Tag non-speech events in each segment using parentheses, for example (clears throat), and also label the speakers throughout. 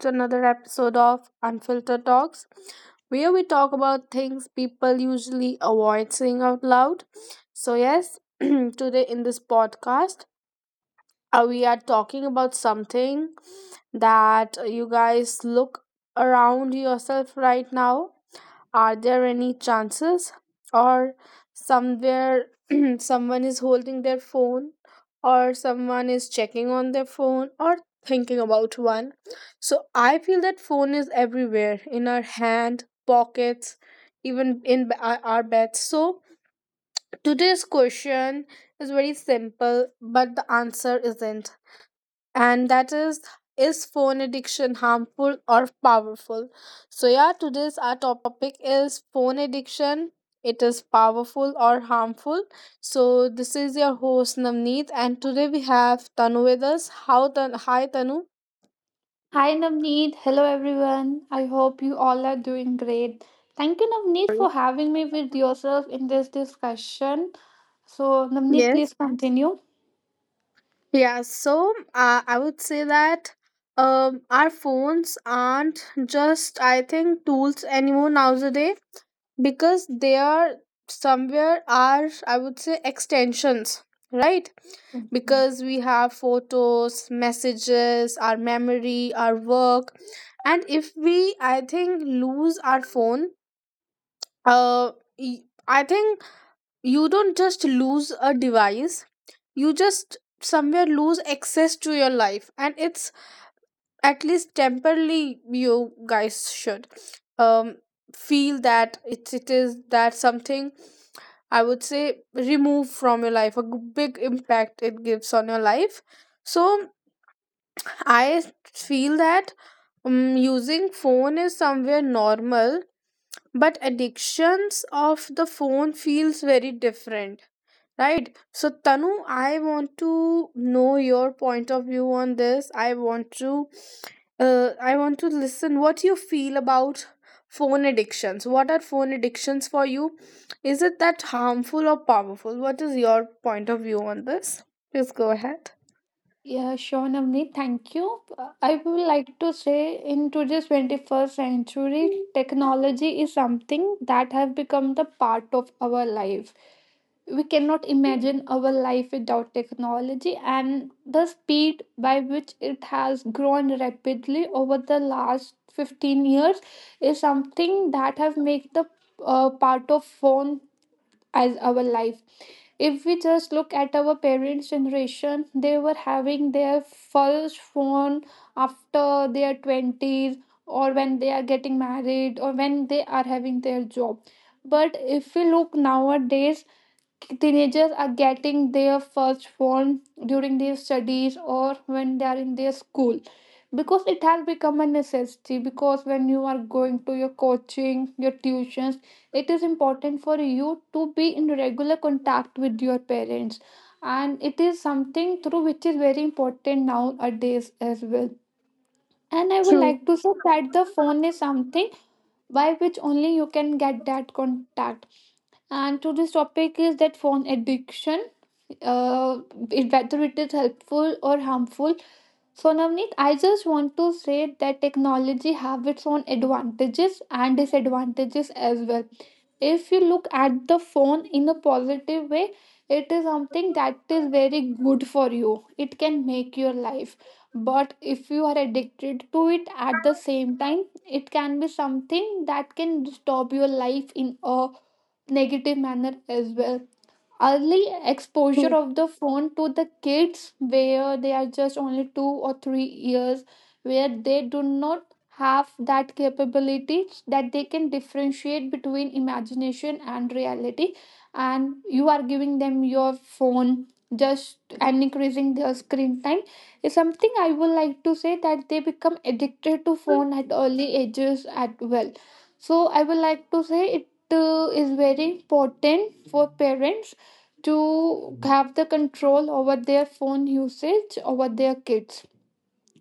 Speaker 1: to another episode of Unfiltered Talks, where we talk about things people usually avoid saying out loud. So, yes, (clears throat) today in this podcast, we are talking about something that you guys look around yourself right now. Are there any chances or somewhere (clears throat) someone is holding their phone or someone is checking on their phone or thinking about one? So I feel that phone is everywhere in our hand, pockets, even in our beds. So today's question is very simple, but the answer isn't, and that is, phone addiction harmful or powerful? So, yeah, today's our topic is phone addiction. It is powerful or harmful? So this is your host, Namneet, and today we have Tanu with us. Hi, Tanu.
Speaker 2: Hi Navneet, hello everyone. I hope you all are doing great. Thank you Navneet for having me with yourself in this discussion. So Navneet, please
Speaker 1: Yes,
Speaker 2: continue.
Speaker 1: yeah, so, I would say that, our phones aren't just, I think, tools anymore nowadays, because they are somewhere, are, I would say, extensions, right? Because we have photos, messages, our memory, our work. And if we, I think, lose our phone, uh y- I think you don't just lose a device, you just somewhere lose access to your life, and it's at least temporarily. You guys should um feel that it is that something, I would say, remove from your life, a big impact it gives on your life. So I feel that, using phone is somewhere normal, but addictions of the phone feels very different. Right. So, Tanu, I want to know your point of view on this. I want to listen what you feel about phone addictions. What are phone addictions for you? Is it that harmful or powerful? What is your point of view on this? Please go ahead.
Speaker 2: Yeah, sure, Navneet. Thank you. I would like to say in today's 21st century, technology is something that have become the part of our life. We cannot imagine our life without technology, and the speed by which it has grown rapidly over the last 15 years is something that have made the part of phone as our life. If we just look at our parents generation, they were having their first phone after their 20s, or when they are getting married, or when they are having their job. But if we look nowadays, teenagers are getting their first phone during their studies or when they are in their school, because it has become a necessity. Because when you are going to your coaching, your tuitions, it is important for you to be in regular contact with your parents, and it is something through which is very important nowadays as well. And I would
Speaker 1: True,
Speaker 2: like to say that the phone is something by which only you can get that contact. And today's topic is that phone addiction, uh, whether it is helpful or harmful. So, Navneet, I just want to say that technology have its own advantages and disadvantages as well. If you look at the phone in a positive way, it is something that is very good for you. It can make your life. But if you are addicted to it at the same time, it can be something that can stop your life in a negative manner as well. Early exposure
Speaker 1: true,
Speaker 2: of the phone to the kids, where they are just only 2 or 3 years, where they do not have that capability that they can differentiate between imagination and reality, and you are giving them your phone just and increasing their screen time is something. I would like to say that they become addicted to phone at early ages as well. So I would like to say it is very important for parents to have the control over their phone usage over their kids.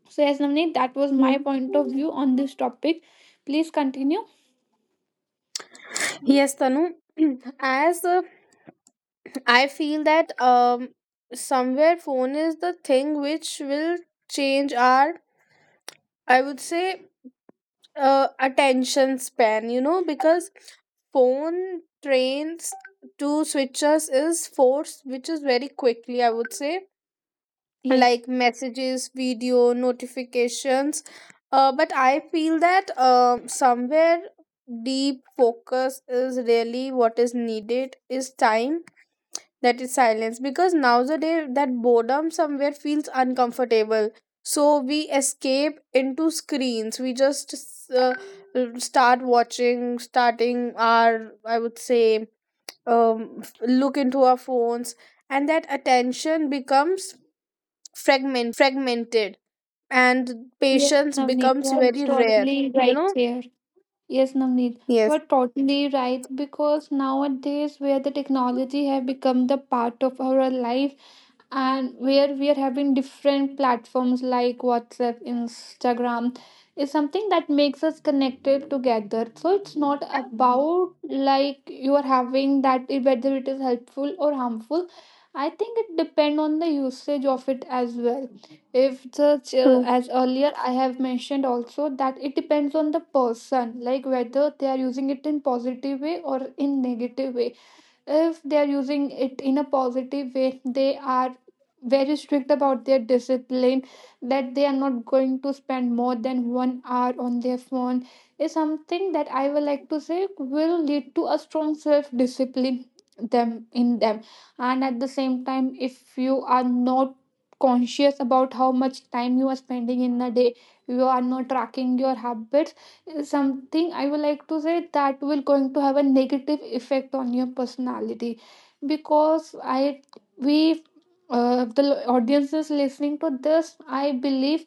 Speaker 2: So, yes, Navneet, that was my
Speaker 1: true.
Speaker 2: point of view on this topic. Please continue.
Speaker 1: Yes,
Speaker 2: Hmm?
Speaker 1: Tanu. (clears throat) As I feel that, somewhere phone is the thing which will change our, I would say, attention span, because phone trains to switches is force, which is very quickly, I would say,
Speaker 2: Yes,
Speaker 1: like messages, video, notifications. Uh, but I feel that, somewhere deep focus is really what is needed, is time, that is silence, because nowadays that boredom somewhere feels uncomfortable. So we escape into screens. We just uh, starting our, I would say, look into our phones, and that attention becomes fragmented and
Speaker 2: yes,
Speaker 1: patience
Speaker 2: Navneet, you
Speaker 1: becomes
Speaker 2: are
Speaker 1: very rare
Speaker 2: totally
Speaker 1: you
Speaker 2: right
Speaker 1: know
Speaker 2: here. Yes, Navneet, you are
Speaker 1: yes,
Speaker 2: totally right, because nowadays where the technology have become the part of our life, and where we are having different platforms like WhatsApp, Instagram is something that makes us connected together. So it's not about like you are having whether it is helpful or harmful. I think it depends on the usage of it as well. If such
Speaker 1: true,
Speaker 2: as earlier I have mentioned also, that it depends on the person, like whether they are using it in positive way or in negative way. If they are using it in a positive way, they are very strict about their discipline, that they are not going to spend more than 1 hour on their phone is something that I would like to say will lead to a strong self discipline them in them. And at the same time, if you are not conscious about how much time you are spending in a day, you are not tracking your habits, something I would like to say that will going to have a negative effect on your personality. Because I we the audiences listening to this, I believe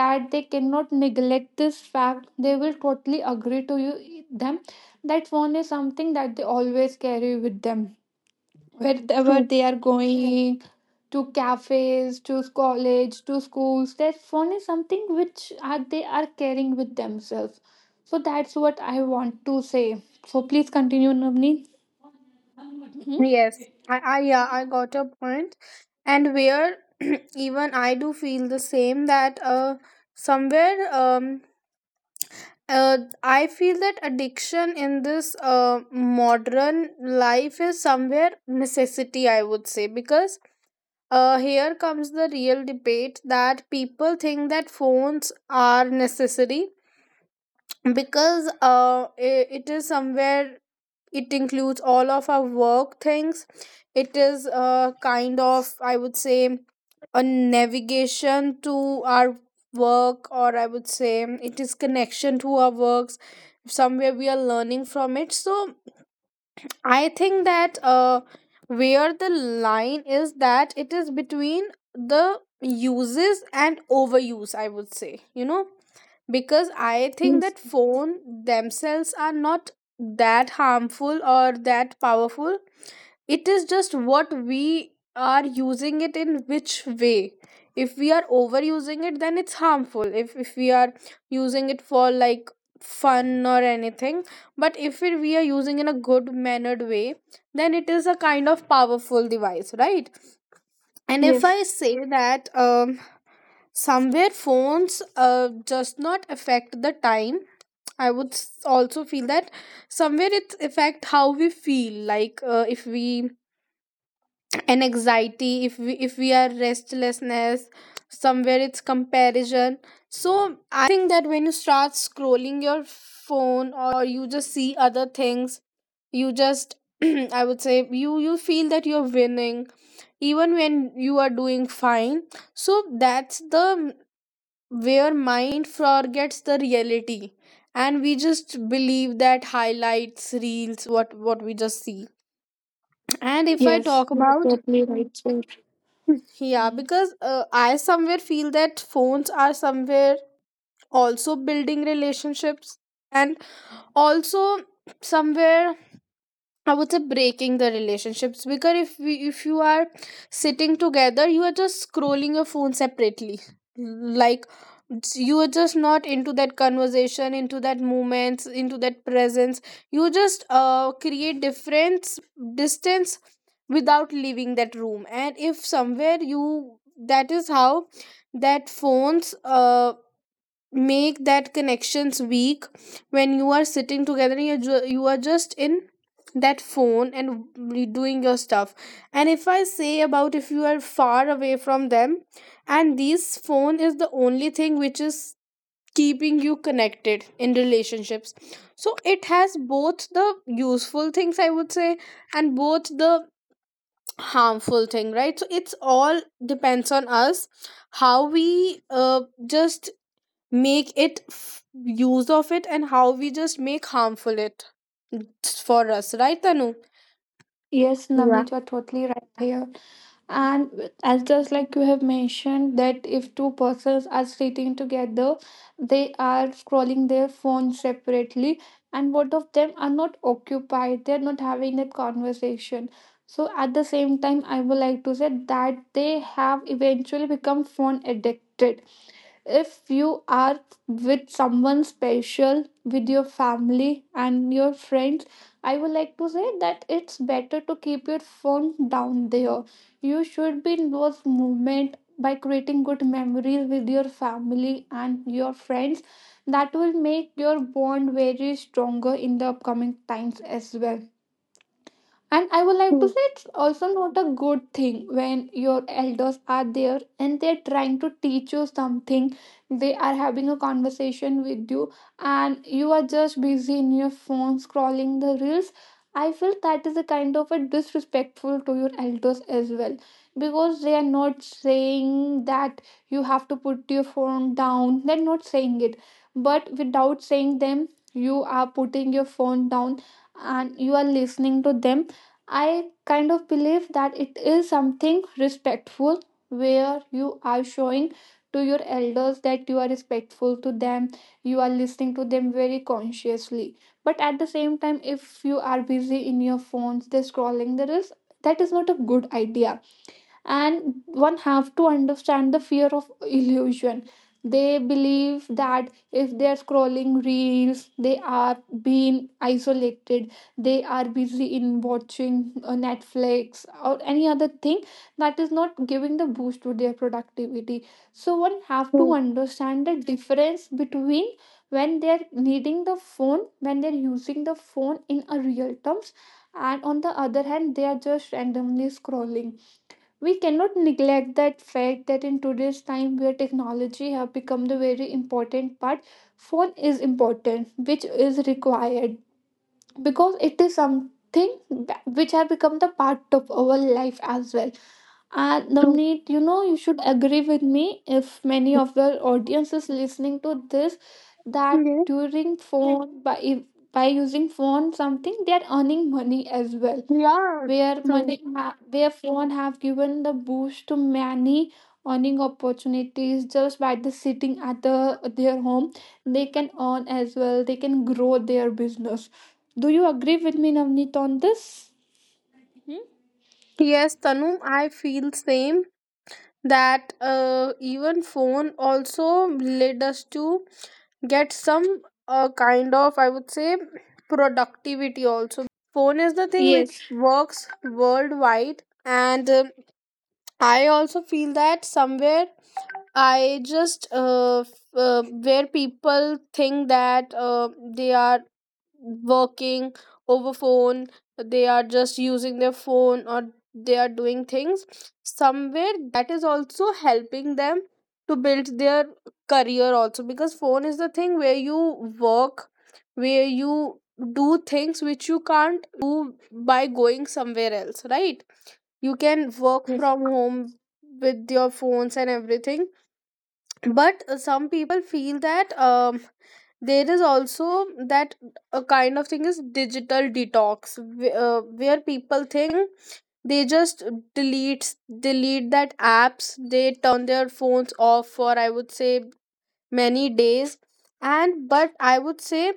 Speaker 2: that they cannot neglect this fact. They will totally agree to you them that phone is something that they always carry with them wherever
Speaker 1: true.
Speaker 2: they are going, to cafes, to college, to schools, their phone is something which are they are carrying with themselves. So that's what I want to say. So please continue, Navni.
Speaker 1: Yes, I, yeah, I got your point. And where (clears throat) even I do feel the same that somewhere I feel that addiction in this modern life is somewhere necessity, I would say, because here comes the real debate that people think that phones are necessary, because it is somewhere, it includes all of our work things. It is a kind of, I would say, a navigation to our work, or I would say it is connection to our works, somewhere we are learning from it. So I think that where the line is, that it is between the uses and overuse, I would say, because I think
Speaker 2: Yes,
Speaker 1: that phone themselves are not that harmful or that powerful. It is just what we are using it in which way. If we are overusing it, then it's harmful. If we are using it for like fun or anything. But if we are using in a good mannered way, then it is a kind of powerful device, right? And if
Speaker 2: yes,
Speaker 1: I say that, somewhere phones, just not affect the time, I would also feel that somewhere it affect how we feel, like if we (clears throat) an anxiety, if we are restlessness, somewhere it's comparison. So I think that when you start scrolling your phone, or you just see other things, you just (clears throat) I would say you feel that you're winning even when you are doing fine. So that's the where mind forgets the reality, and we just believe that highlights reels what we just see. And if I
Speaker 2: yes,
Speaker 1: talk
Speaker 2: you're
Speaker 1: about,
Speaker 2: totally right, sir.
Speaker 1: yeah,
Speaker 2: Hmm.
Speaker 1: because, I somewhere feel that phones are somewhere also building relationships, and also somewhere, I would say, breaking the relationships. Because if you are sitting together, you are just scrolling your phone separately. Like, you are just not into that conversation, into that moments, into that presence. You just create difference distance without leaving that room. And if somewhere you, that is how that phones make that connections weak, when you are sitting together and you are just in that phone and doing your stuff. And if I say about, if you are far away from them, and this phone is the only thing which is keeping you connected in relationships, so it has both the useful things, I would say, and both the harmful thing, right? So it's all depends on us how we just make it, use of it, and how we just make harmful it for us, right, Tanu?
Speaker 2: Yes,
Speaker 1: Yeah.
Speaker 2: Navneet, you are totally right here. And as just like you have mentioned, that if two persons are sitting together, they are scrolling their phone separately, and both of them are not occupied, they're not having that conversation. So at the same time, I would like to say that they have eventually become phone addicted. If you are with someone special, with your family and your friends, I would like to say that it's better to keep your phone down there. You should be in those moments by creating good memories with your family and your friends. That will make your bond very stronger in the upcoming times as well. And I would like to
Speaker 1: True.
Speaker 2: say it's also not a good thing when your elders are there and they're trying to teach you something. They are having a conversation with you and you are just busy in your phone scrolling the reels. I feel that is a kind of a disrespectful to your elders as well, because they are not saying that you have to put your phone down. They're not saying it, but without saying them, you are putting your phone down and you are listening to them. I kind of believe that it is something respectful, where you are showing to your elders that you are respectful to them, you are listening to them very consciously. But at the same time, if you are busy in your phones, they're scrolling, there is that is not a good idea. And one have to understand the fear of illusion. They believe that if they are scrolling reels, they are being isolated, they are busy in watching Netflix or any other thing, that is not giving the boost to their productivity. So one have to
Speaker 1: True.
Speaker 2: understand the difference between when they're needing the phone, when they're using the phone in a real terms, and on the other hand they are just randomly scrolling. We cannot neglect that fact that in today's time, where technology have become the very important part, phone is important, which is required, because it is something which have become the part of our life as well. And
Speaker 1: True.
Speaker 2: Navneet, you know, you should agree with me, if many of your audience is listening to this, that
Speaker 1: Yeah.
Speaker 2: during phone by using phone, something they are earning money as well,
Speaker 1: Yeah.
Speaker 2: where
Speaker 1: True.
Speaker 2: where phone have given the boost to many earning opportunities, just by the sitting at the their home they can earn as well, they can grow their business. Do you agree with me, Navneet, on this? Mhm.
Speaker 1: Yes, Tanu, I feel same that, even phone also led us to get some, kind of, I would say, productivity also, because phone is the thing which
Speaker 2: Yes,
Speaker 1: works worldwide. And I also feel that somewhere I just, where people think that, they are working over phone, they are just using their phone, or they are doing things somewhere, that is also helping them to build their career also, because phone is the thing where you work, where you do things which you can't do by going somewhere else, right? You can work
Speaker 2: yes,
Speaker 1: from home with your phones and everything. But, some people feel that, there is also that a kind of thing is digital detox, where people think they just delete that apps, they turn their phones off for, I would say, many days. And but I would say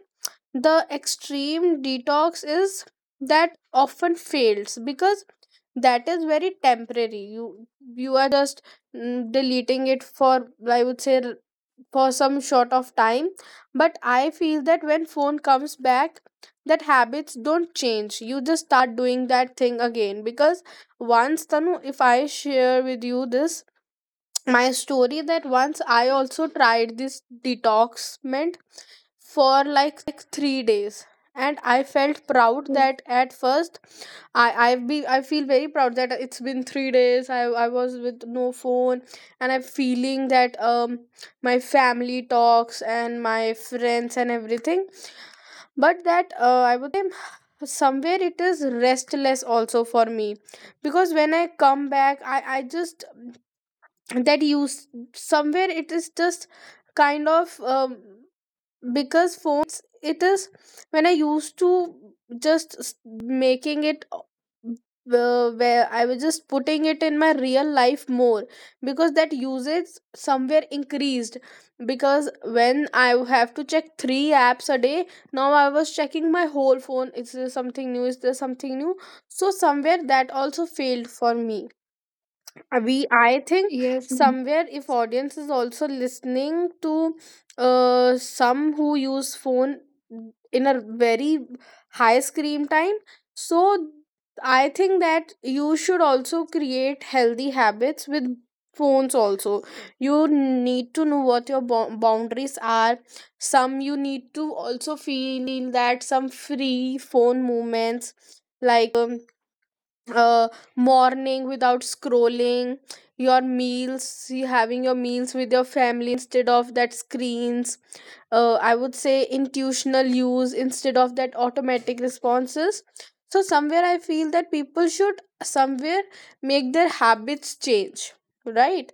Speaker 1: the extreme detox is that often fails, because that is very temporary. You are just deleting it for, I would say, for some short of time. But I feel that when phone comes back, that habits don't change, you just start doing that thing again. Because once, Tanu, if I share with you this my story, that once I also tried this detox mint for like 3 days, and I felt proud that at first, I I've been I feel very proud that it's been 3 days, I was with no phone, and I'm feeling that, my family talks and my friends and everything. But that, I would say somewhere it is restless also for me, because when I come back, I just that use somewhere, it is just kind of, because phone, it is when I used to just making it, where I was just putting it in my real life more, because that usage somewhere increased, because when I have to check three apps a day, now I was checking my whole phone, is there something new, is there something new. So somewhere that also failed for me. We, I think,
Speaker 2: yes,
Speaker 1: somewhere, if audience is also listening to, some who use phone in a very high screen time, so I think that you should also create healthy habits with phones also. You need to know what your boundaries are. Some you need to also feel that some free phone movements, like, uh, morning without scrolling, your meals, you having your meals with your family instead of that screens, I would say intuitional use instead of that automatic responses. So somewhere I feel that people should somewhere make their habits change, right?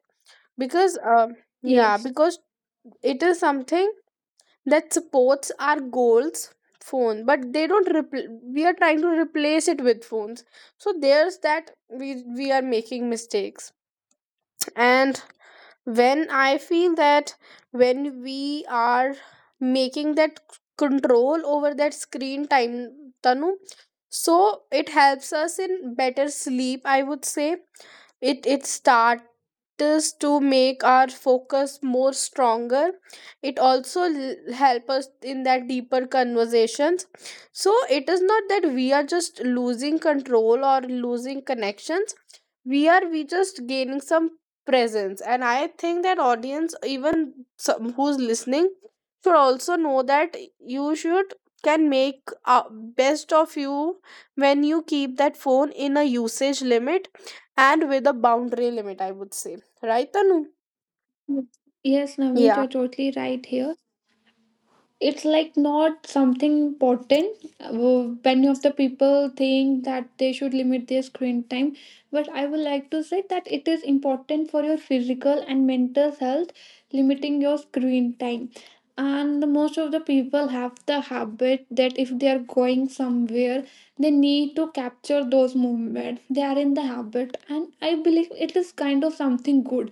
Speaker 1: Because yeah,
Speaker 2: yes,
Speaker 1: because it is something that supports our goals, phone, but they don't we are trying to replace it with phones. So there's that, we are making mistakes. And when I feel that, when we are making that control over that screen time, Tanu, so it helps us in better sleep, I would say. It starts to make our focus more stronger. It also help us in that deeper conversations. So it is not that we are just losing control or losing connections, we just gaining some presence. And I think that audience, even some who's listening, should also know that you should can make, best of you, when you keep that phone in a usage limit and with a boundary limit, I would say. Right, Tanu?
Speaker 2: yes, Navneet,
Speaker 1: Yeah,
Speaker 2: you're totally right here. It's like not something important. Many of the people think that they should limit their screen time, but I would like to say that it is important for your physical and mental health limiting your screen time. And the most of the people have the habit that if they are going somewhere they need to capture those movements, they are in the habit, and I believe it is kind of something good,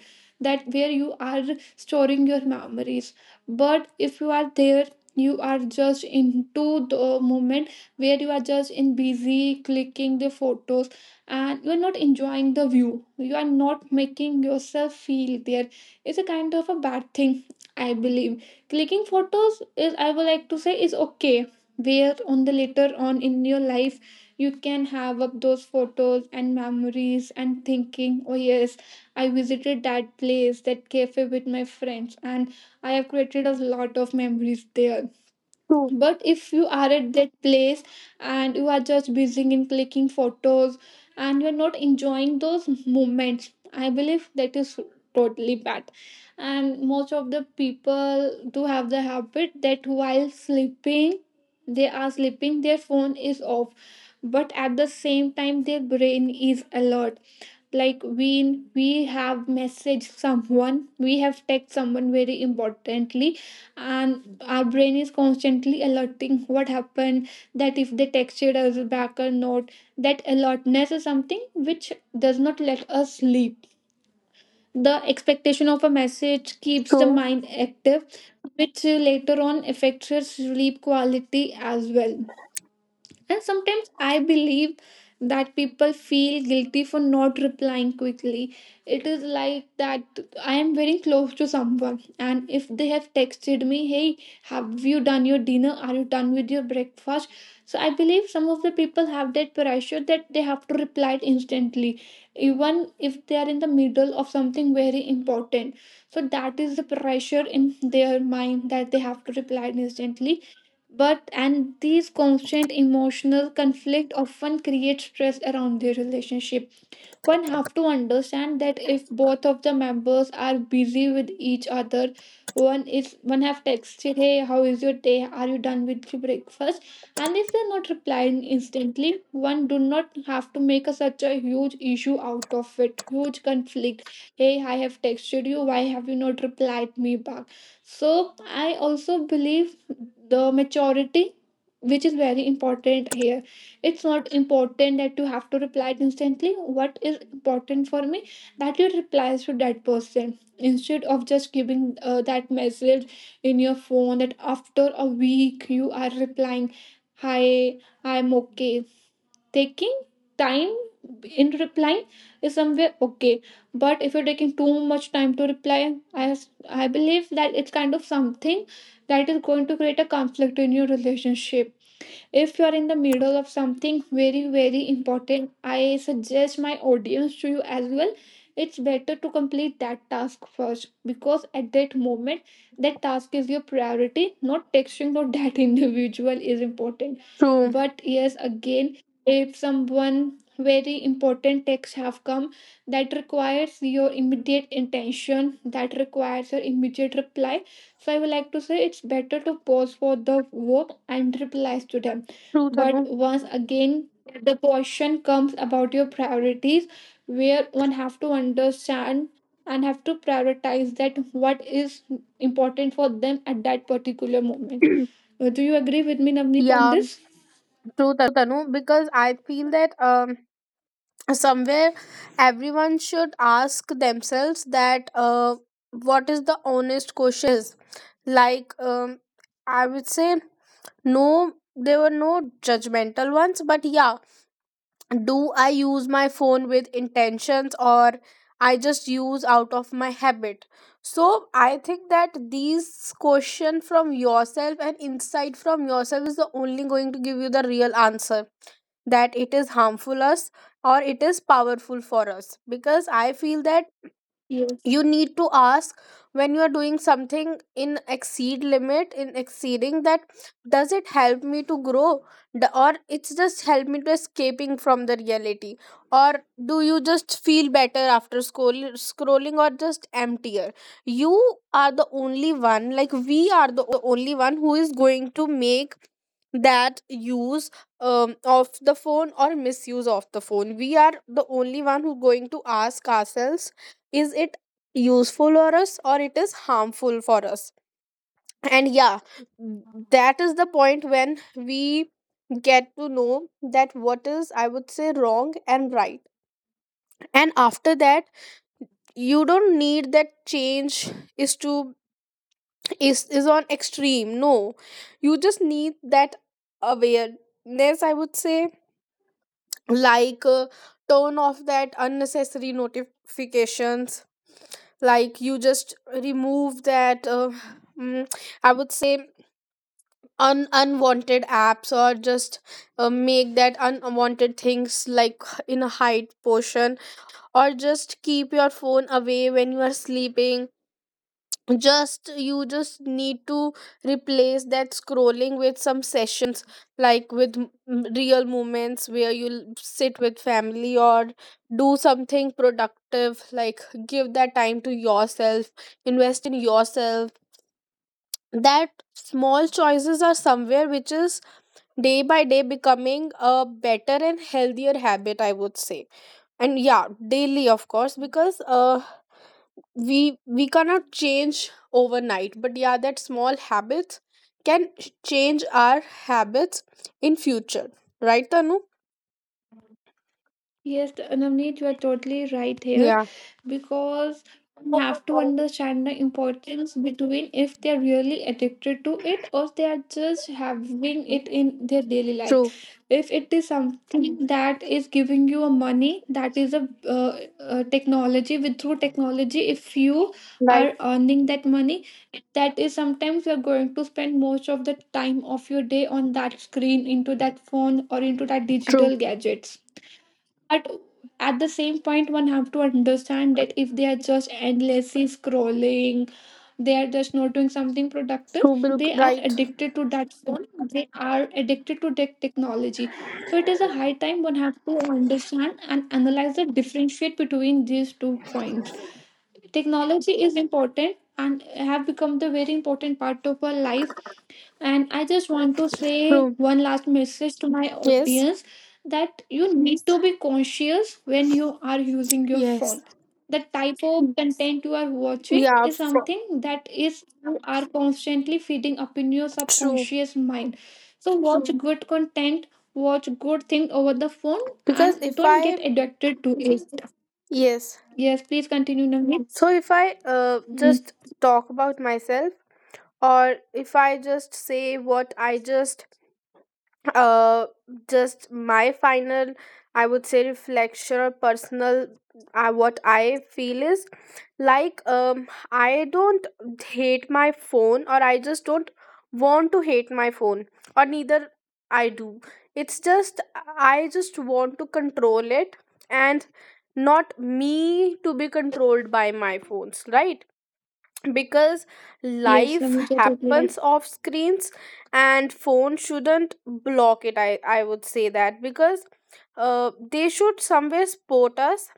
Speaker 2: that where you are storing your memories. But if you are there, you are just into the moment, where you are just in busy clicking the photos and you are not enjoying the view, you are not making yourself feel there, it's a kind of a bad thing I believe. Clicking photos is, I would like to say, is okay, where on the later on in your life you can have up those photos and memories, and thinking, oh yes, I visited that place, that cafe with my friends, and I have created a lot of memories there.
Speaker 1: true,
Speaker 2: But if you are at that place and you are just busy in clicking photos and you're not enjoying those moments, I believe that is totally bad. And most of the people do have the habit that while sleeping, they are sleeping, their phone is off, but at the same time their brain is alert, like we have messaged someone, we have text someone very importantly, and our brain is constantly alerting, what happened, that if they texted us back or not. That alertness is something which does not let us sleep. The expectation of a message keeps the
Speaker 1: true,
Speaker 2: mind active, which later on affects your sleep quality as well. And sometimes I believe that people feel guilty for not replying quickly. It is like that I am very close to someone, and if they have texted me, hey, have you done your dinner? Are you done with your breakfast? So I believe some of the people have that pressure that they have to reply instantly, even if they are in the middle of something very important. So that is the pressure in their mind that they have to reply instantly, but and these constant emotional conflict often create stress around their relationship. One have to understand that if both of the members are busy with each other, one is one have texted, "Hey, how is your day? Are you done with your breakfast?" And if they're not replying instantly, one do not have to make a, such a huge issue out of it, huge conflict. Hey, I have texted you. Why have you not replied me back? So I also believe the maturity, which is very important here. It's not important that you have to reply instantly. What is important for me, that you reply to that person, instead of just giving that message in your phone, that after a week you are replying, hi, I'm okay. Taking time in replying is somewhere okay, but if you're taking too much time to reply, i I believe that it's kind of something that is going to create a conflict in your relationship. If you are in the middle of something very, very important, I suggest my audience to you as well, it's better to complete that task first, because at that moment, that task is your priority, not texting or that (laughs) individual is important.
Speaker 1: true,
Speaker 2: But yes, again, if someone very important texts have come that requires your immediate intention, that requires your immediate reply, so I would like to say it's better to pause for the work and replies to them.
Speaker 1: true,
Speaker 2: But
Speaker 1: Tanu.
Speaker 2: once again, the question comes about your priorities, where one have to understand and have to prioritize that what is important for them at that particular moment. Do you agree with me, Navneet, on
Speaker 1: Yeah,
Speaker 2: this?
Speaker 1: true, Tanu. Because I feel that somewhere everyone should ask themselves that what is the honest question is like I would say no, there were no judgmental ones, but yeah, do I use my phone with intentions or I just use out of my habit? So I think that these question from yourself and insight from yourself is the only going to give you the real answer that it is harmful us or it is powerful for us. Because I feel that
Speaker 2: Yes.
Speaker 1: you need to ask when you are doing something in exceed limit, in exceeding that does it help me to grow or it's just help me to escaping from the reality? Or do you just feel better after scrolling or just emptier? You are the only one, like we are the only one who is going to make that use of the phone or misuse of the phone. We are the only one who going to ask ourselves is it useful for us or it is harmful for us. And yeah, that is the point when we get to know that what is, I would say, wrong and right. And after that you don't need that change is to is on extreme, no, you just need that awareness, I would say. Like turn off that unnecessary notifications, like you just remove that mm, I would say unwanted apps, or just make that unwanted things like in a hide portion, or just keep your phone away when you are sleeping. Just you just need to replace that scrolling with some sessions, like with real moments where you'll sit with family or do something productive. Like give that time to yourself, invest in yourself. That small choices are somewhere which is day by day becoming a better and healthier habit, I would say. And yeah, daily, of course, because we cannot change overnight. But yeah, that small habits can change our habits in future, right, Tanu?
Speaker 2: Yes, Navneet, you are totally right here,
Speaker 1: Yeah,
Speaker 2: because you have to understand the importance between if they are really addicted to it, or they are just having it in their daily
Speaker 1: true.
Speaker 2: life. If it is something that is giving you a money, that is a technology. With through technology, if you
Speaker 1: Right.
Speaker 2: are earning that money, that is sometimes you are going to spend most of the time of your day on that screen, into that phone, or into that
Speaker 1: True.
Speaker 2: digital gadgets. But at the same point, one have to understand that if they are just endlessly scrolling, they are just not doing something productive,
Speaker 1: True, Bill.
Speaker 2: they are
Speaker 1: Right.
Speaker 2: addicted to that phone. They are addicted to that technology. So it is a high time one have to understand and analyze the differentiate between these two points. Technology is important and have become the very important part of our life. And I just want to say
Speaker 1: True.
Speaker 2: one last message to my
Speaker 1: Yes.
Speaker 2: audience, that you need to be conscious when you are using your
Speaker 1: Yes.
Speaker 2: phone. The type of content you are watching
Speaker 1: Yeah,
Speaker 2: is
Speaker 1: for,
Speaker 2: something that is you are constantly feeding up in your
Speaker 1: true.
Speaker 2: subconscious mind. So watch good content, watch good thing over the phone,
Speaker 1: Because
Speaker 2: and
Speaker 1: if
Speaker 2: don't
Speaker 1: I,
Speaker 2: get addicted to it.
Speaker 1: yes.
Speaker 2: Yes, please continue, Navneet.
Speaker 1: So if I
Speaker 2: Hmm.
Speaker 1: just talk about myself, or if I just say what I uh just my final, I would say, reflection or personal what I feel is like, I don't hate my phone, or I just don't want to hate my phone, or neither I do. It's just I just want to control it and not me to be controlled by my phones. Right, because
Speaker 2: Yes,
Speaker 1: life
Speaker 2: Navneet, you're totally right.
Speaker 1: happens off screens and phone shouldn't block it. I would say that because they should somewhere support us,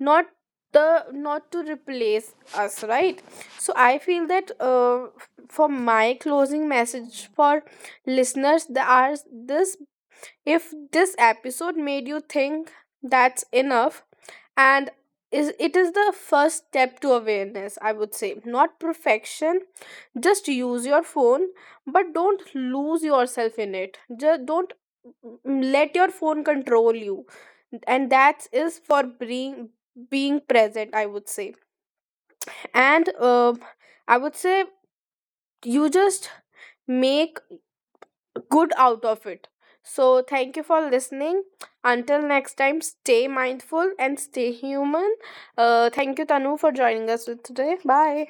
Speaker 1: not the not to replace us, right? So I feel that for my closing message for listeners, there are this, if this episode made you think, that's enough, and is it is the first step to awareness, I would say. Not perfection. Just use your phone, but don't lose yourself in it. Just don't let your phone control you. And that is for being present, I would say. And I would say you just make good out of it. So, thank you for listening. Until next time, stay mindful and stay human. Thank you, Tanu, for joining us today. Bye.